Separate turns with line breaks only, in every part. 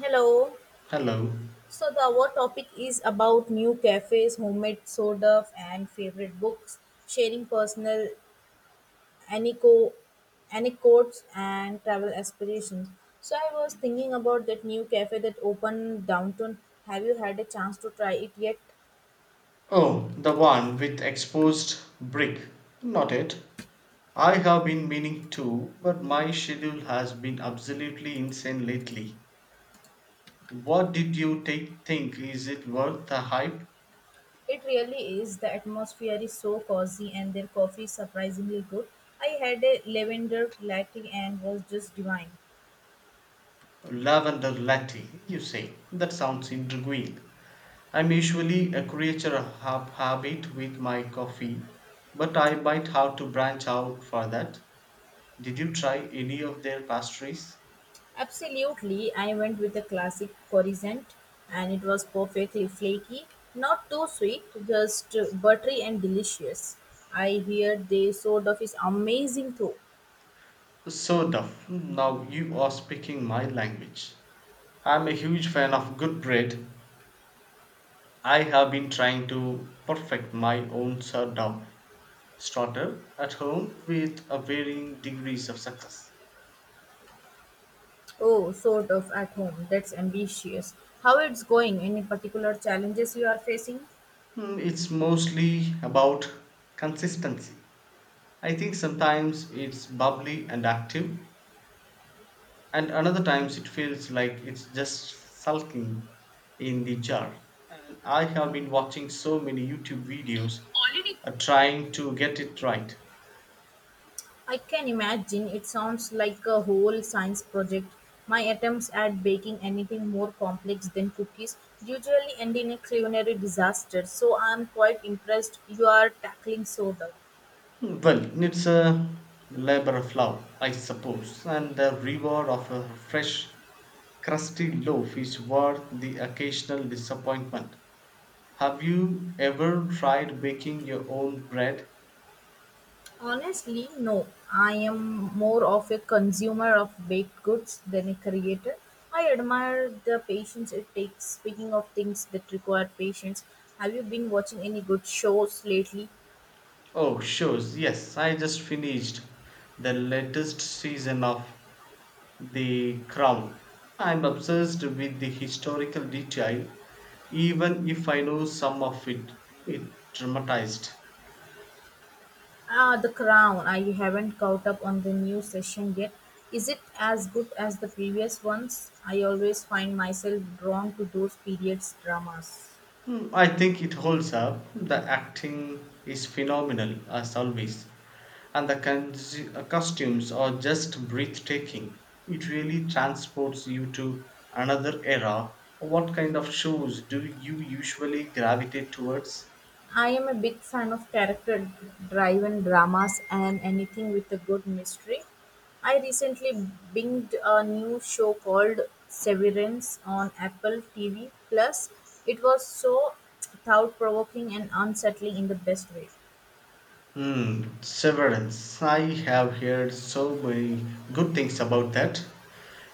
Hello.
Hello.
So the our topic is about new cafes, homemade soda, and favorite books, sharing personal anico- anecdotes and travel aspirations. So I was thinking about that new cafe that opened downtown. Have you had a chance to try it yet?
Oh, the one with exposed brick. Not it. I have been meaning to, but my schedule has been absolutely insane lately. What did you take, think? Is it worth the hype?
It really is. The atmosphere is so cozy, and their coffee is surprisingly good. I had a lavender latte and was just divine.
Lavender latte, you say. That sounds intriguing. I'm usually a creature of habit with my coffee, but I might have to branch out for that. Did you try any of their pastries?
Absolutely, I went with the classic croissant, and it was perfectly flaky, not too sweet, just buttery and delicious. I hear the sort of is amazing too.
So, of. Now you are speaking my language. I'm a huge fan of good bread. I have been trying to perfect my own sourdough starter at home with a varying degrees of success.
Oh, sort of at home. That's ambitious. How it's going? Any particular challenges you are facing?
It's mostly about consistency. I think sometimes it's bubbly and active, and another times it feels like it's just sulking in the jar, and I have been watching so many YouTube videos, trying to get it right.
I can imagine it sounds like a whole science project. My attempts at baking anything more complex than cookies usually end in a culinary disaster, so I am quite impressed you are tackling soda.
Well, it's a labor of love, I suppose, and the reward of a fresh crusty loaf is worth the occasional disappointment. Have you ever tried baking your own bread?
Honestly, no. I am more of a consumer of baked goods than a creator. I admire the patience it takes. Speaking of things that require patience, have you been watching any good shows lately?
Oh, sure. Yes, I just finished the latest season of The Crown. I'm obsessed with the historical detail, even if I know some of it dramatized.
Ah, The Crown. I haven't caught up on the new session yet. Is it as good as the previous ones? I always find myself drawn to those periods dramas.
Hmm, I think it holds up. The acting is phenomenal as always, and the costumes are just breathtaking. It really transports you to another era. What kind of shows do you usually gravitate towards?
I am a big fan of character driven dramas and anything with a good mystery. I recently binged a new show called Severance on Apple TV Plus. It was so thought provoking and unsettling in the best way.
Hmm, Severance. I have heard so many good things about that.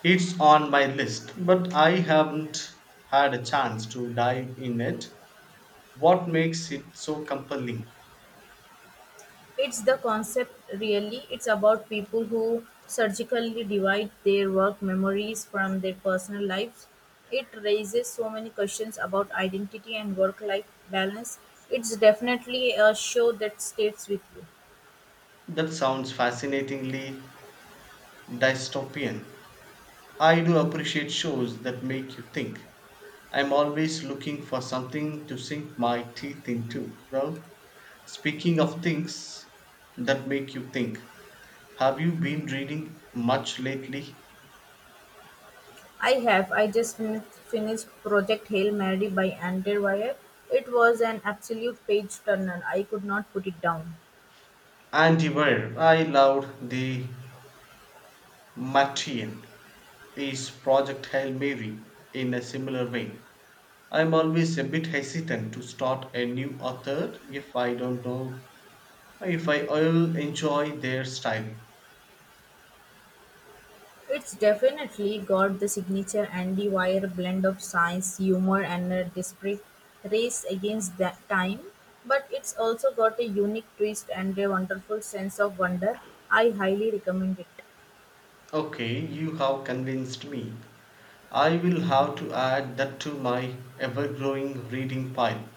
It's on my list, but I haven't had a chance to dive in it. What makes it so compelling?
It's the concept, really. It's about people who surgically divide their work memories from their personal lives. It raises so many questions about identity and work life balance. It's definitely a show that stays with you.
That sounds fascinatingly dystopian. I do appreciate shows that make you think. I'm always looking for something to sink my teeth into, you know? Speaking of things that make you think, have you been reading much lately?
I have. I just finished Project Hail Mary by Andrew Wyatt. It was an absolute page turner. I could not put it down.
Andy, I loved the Martian, his Project Hail Mary, in a similar vein. I'm always a bit hesitant to start a new author if I don't know if I will enjoy their style.
It's definitely got the signature Andy Weir blend of science, humor, and a desperate race against that time. But it's also got a unique twist and a wonderful sense of wonder. I highly recommend it.
Okay, you have convinced me. I will have to add that to my ever growing reading pile.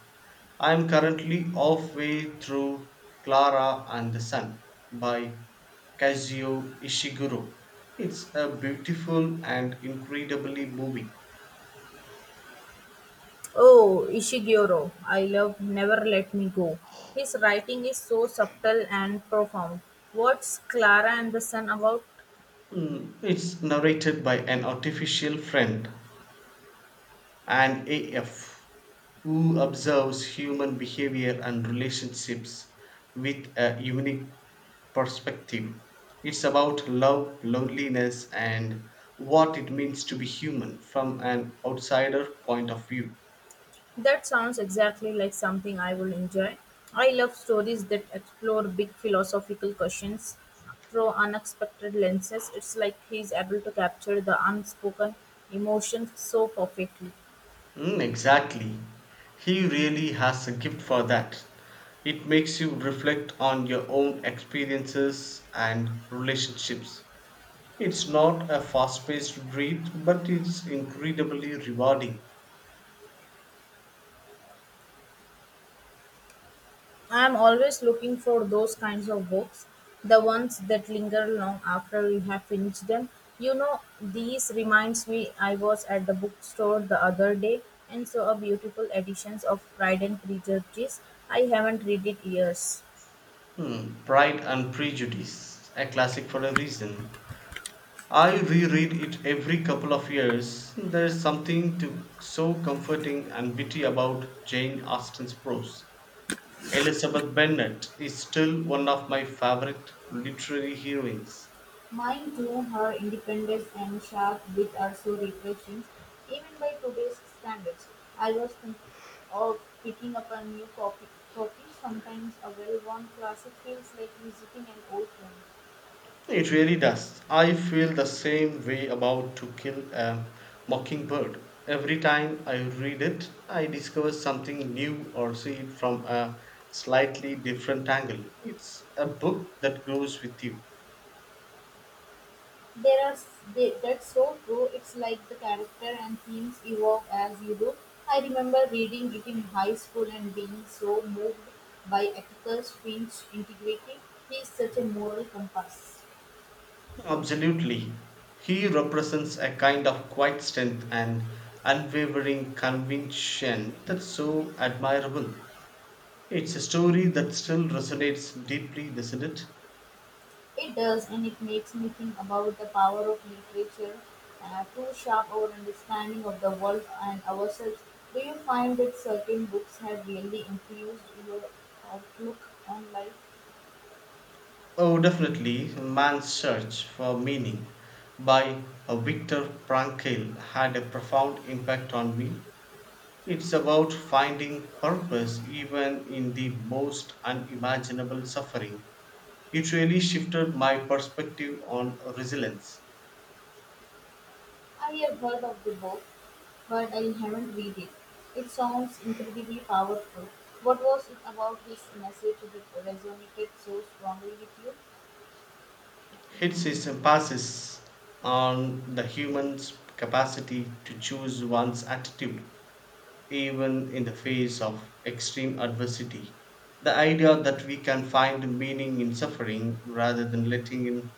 I am currently halfway through Clara and the Sun by Kazuo Ishiguro. It's a beautiful and incredibly moving.
Oh, Ishiguro, I love Never Let Me Go. His writing is so subtle and profound. What's Clara and the Sun about?
It's narrated by an artificial friend and AF, who observes human behavior and relationships with a unique perspective. It's about love, loneliness, and what it means to be human from an outsider point of view.
That sounds exactly like something I would enjoy. I love stories that explore big philosophical questions through unexpected lenses. It's like he's able to capture the unspoken emotions so perfectly.
Mm, exactly. He really has a gift for that. It makes you reflect on your own experiences and relationships. It's not a fast paced read, but it's incredibly rewarding.
I am always looking for those kinds of books, the ones that linger long after you have finished them. You know, these reminds me I was at the bookstore the other day and saw a beautiful editions of Pride and Prejudice. I haven't read it years.
Hmm, Pride and Prejudice, a classic for a reason. I reread it every couple of years. There's something to, so comforting and witty about Jane Austen's prose. Elizabeth Bennet is still one of my favorite literary heroines.
Mine too, her independence and sharp wit are so refreshing, even by today's standards. I was thinking of picking up a new copy. Sometimes a well-worn classic feels like visiting an old friend.
It really does. I feel the same way about To Kill a Mockingbird. Every time I read it, I discover something new or see it from a slightly different angle. It's a book that grows with you.
There are s- they, That's so true. It's like the character and themes evolve as you do. I remember reading it in high school and being so moved by Atticus Finch integrity. He is such a moral compass.
Absolutely. He represents a kind of quiet strength and unwavering conviction that's so admirable. It's a story that still resonates deeply, doesn't it?
It does, and it makes me think about the power of literature to shape our understanding of the world and ourselves. Do you find that certain books have really influenced your outlook on life?
Oh, definitely, Man's Search for Meaning by Viktor Frankl had a profound impact on me. It's about finding purpose even in the most unimaginable suffering. It really shifted my perspective on resilience.
I have heard of the book, but I haven't read it. It sounds incredibly powerful. What was it about this message that resonated so strongly with you?
Hits his emphasis on the human's capacity to choose one's attitude even in the face of extreme adversity. The idea that we can find meaning in suffering rather than letting it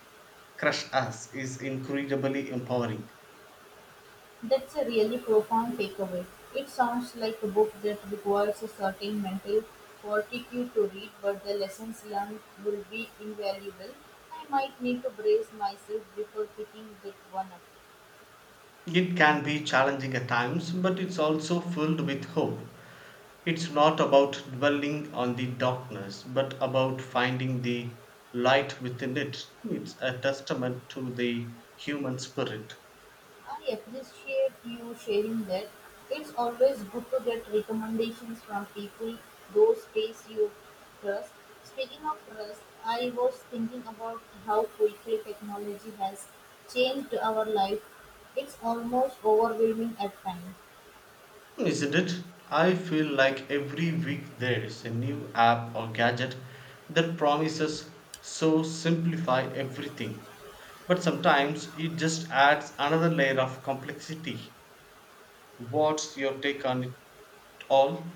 crush us is incredibly empowering.
That's a really profound takeaway. It sounds like a book that requires a certain mental fortitude to read, but the lessons learned will be invaluable. I might need to brace myself before picking that one up.
It can be challenging at times, but it's also filled with hope. It's not about dwelling on the darkness, but about finding the light within it. It's a testament to the human spirit.
I appreciate you sharing that. It's always good to get recommendations from people, those face you trust. Speaking of trust, I was thinking about how quickly technology has changed our life. It's almost overwhelming at times.
Isn't it? I feel like every week there's a new app or gadget that promises so simplify everything. But sometimes it just adds another layer of complexity. What's your take on it all?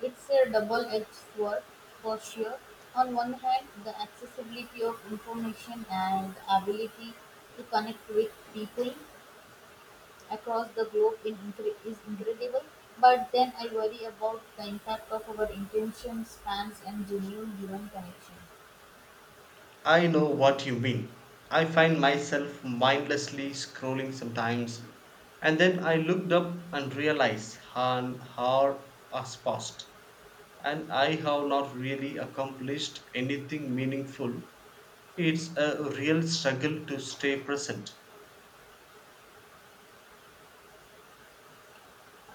It's a double edged sword for sure. On one hand, the accessibility of information and the ability to connect with people across the globe is incredible, but then I worry about the impact of our intention spans and genuine human connection.
I know what you mean. I find myself mindlessly scrolling sometimes, and then I looked up and realized an hour has passed, and I have not really accomplished anything meaningful. It's a real struggle to stay present.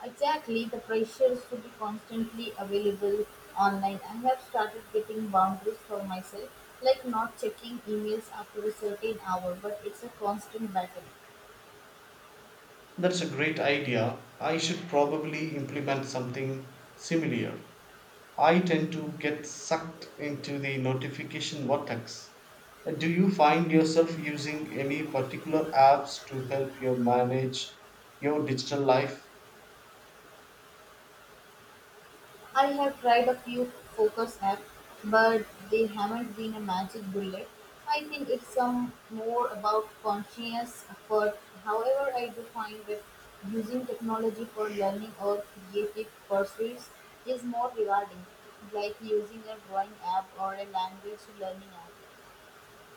Exactly, the pressures to be constantly available online. I have started getting boundaries for myself, like not checking emails after a certain hour, but it's a constant battle.
That's a great idea. I should probably implement something similar. I tend to get sucked into the notification vortex. Do you find yourself using any particular apps to help you manage your digital life?
I have tried a few focus apps, but they haven't been a magic bullet. I think it's some more about conscious effort. However, I do find that using technology for learning or creative pursuits is more rewarding, like using a drawing app or a language learning app.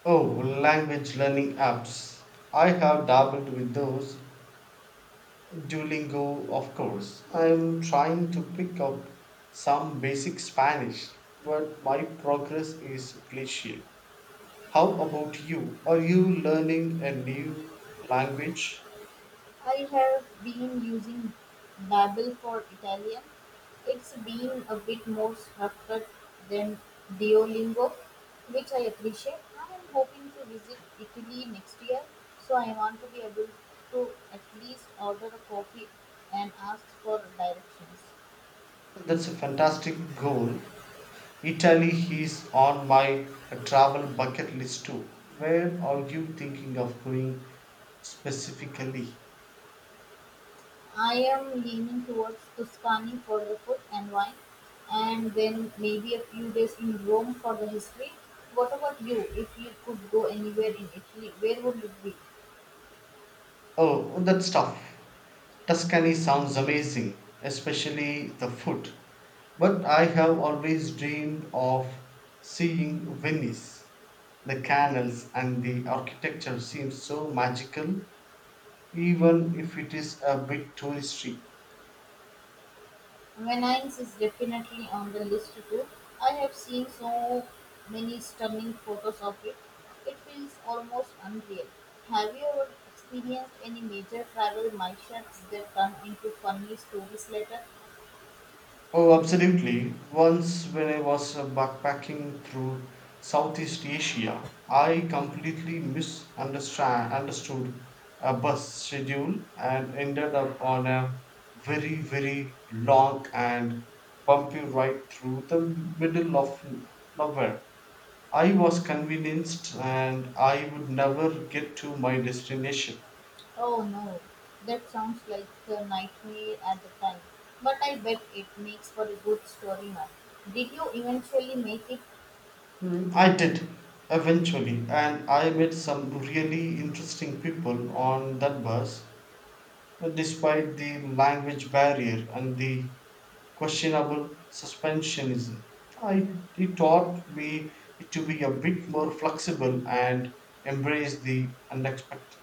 Oh, language learning apps. I have dabbled with those. Duolingo, of course. I'm trying to pick up some basic Spanish, but my progress is glacial. How about you? Are you learning a new language?
I have been using Babbel for Italian. It's been a bit more structured than Duolingo, which I appreciate. I am hoping to visit Italy next year, so I want to be able to at least order a coffee and ask for directions.
That's a fantastic goal. Italy is on my travel bucket list too. Where are you thinking of going specifically?
I am leaning towards Tuscany for the food and wine, and then maybe a few days in Rome for the history. What about you? If you could go anywhere in Italy, where would it be?
Oh, that's tough. Tuscany sounds amazing, especially the food. But I have always dreamed of seeing Venice. The canals and the architecture seem so magical, even if it is a bit touristy.
Venice is definitely on the list too. I have seen so many stunning photos of it. It feels almost unreal. Have you ever experienced any major travel mishaps that turn into funny stories later?
Oh, absolutely. Once, when I was backpacking through Southeast Asia, I completely misunderstand understood a bus schedule and ended up on a very, very long and bumpy ride through the middle of nowhere. I was convinced and I would never get to my destination.
Oh no, that sounds like a nightmare at the time, but I bet it makes for a good story now. Did you eventually make it?
I did eventually, and I met some really interesting people on that bus, despite the language barrier and the questionable suspensionism. I, it taught me to be a bit more flexible and embrace the unexpected.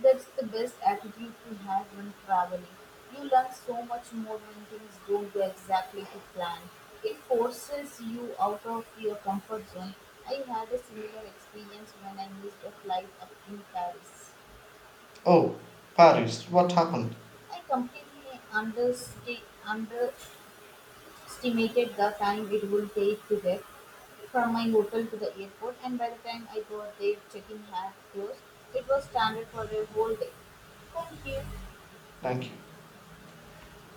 That's the best attitude to have when traveling. You learn so much more when things don't go exactly to plan. It forces you out of your comfort zone. I had a similar experience when I missed a flight up in Paris.
Oh, Paris, what happened?
I completely under estimated the time it would take to get from my hotel to the airport, and by the time I got there, check-in had closed. It was standard for a whole day. Thank you.
Thank you.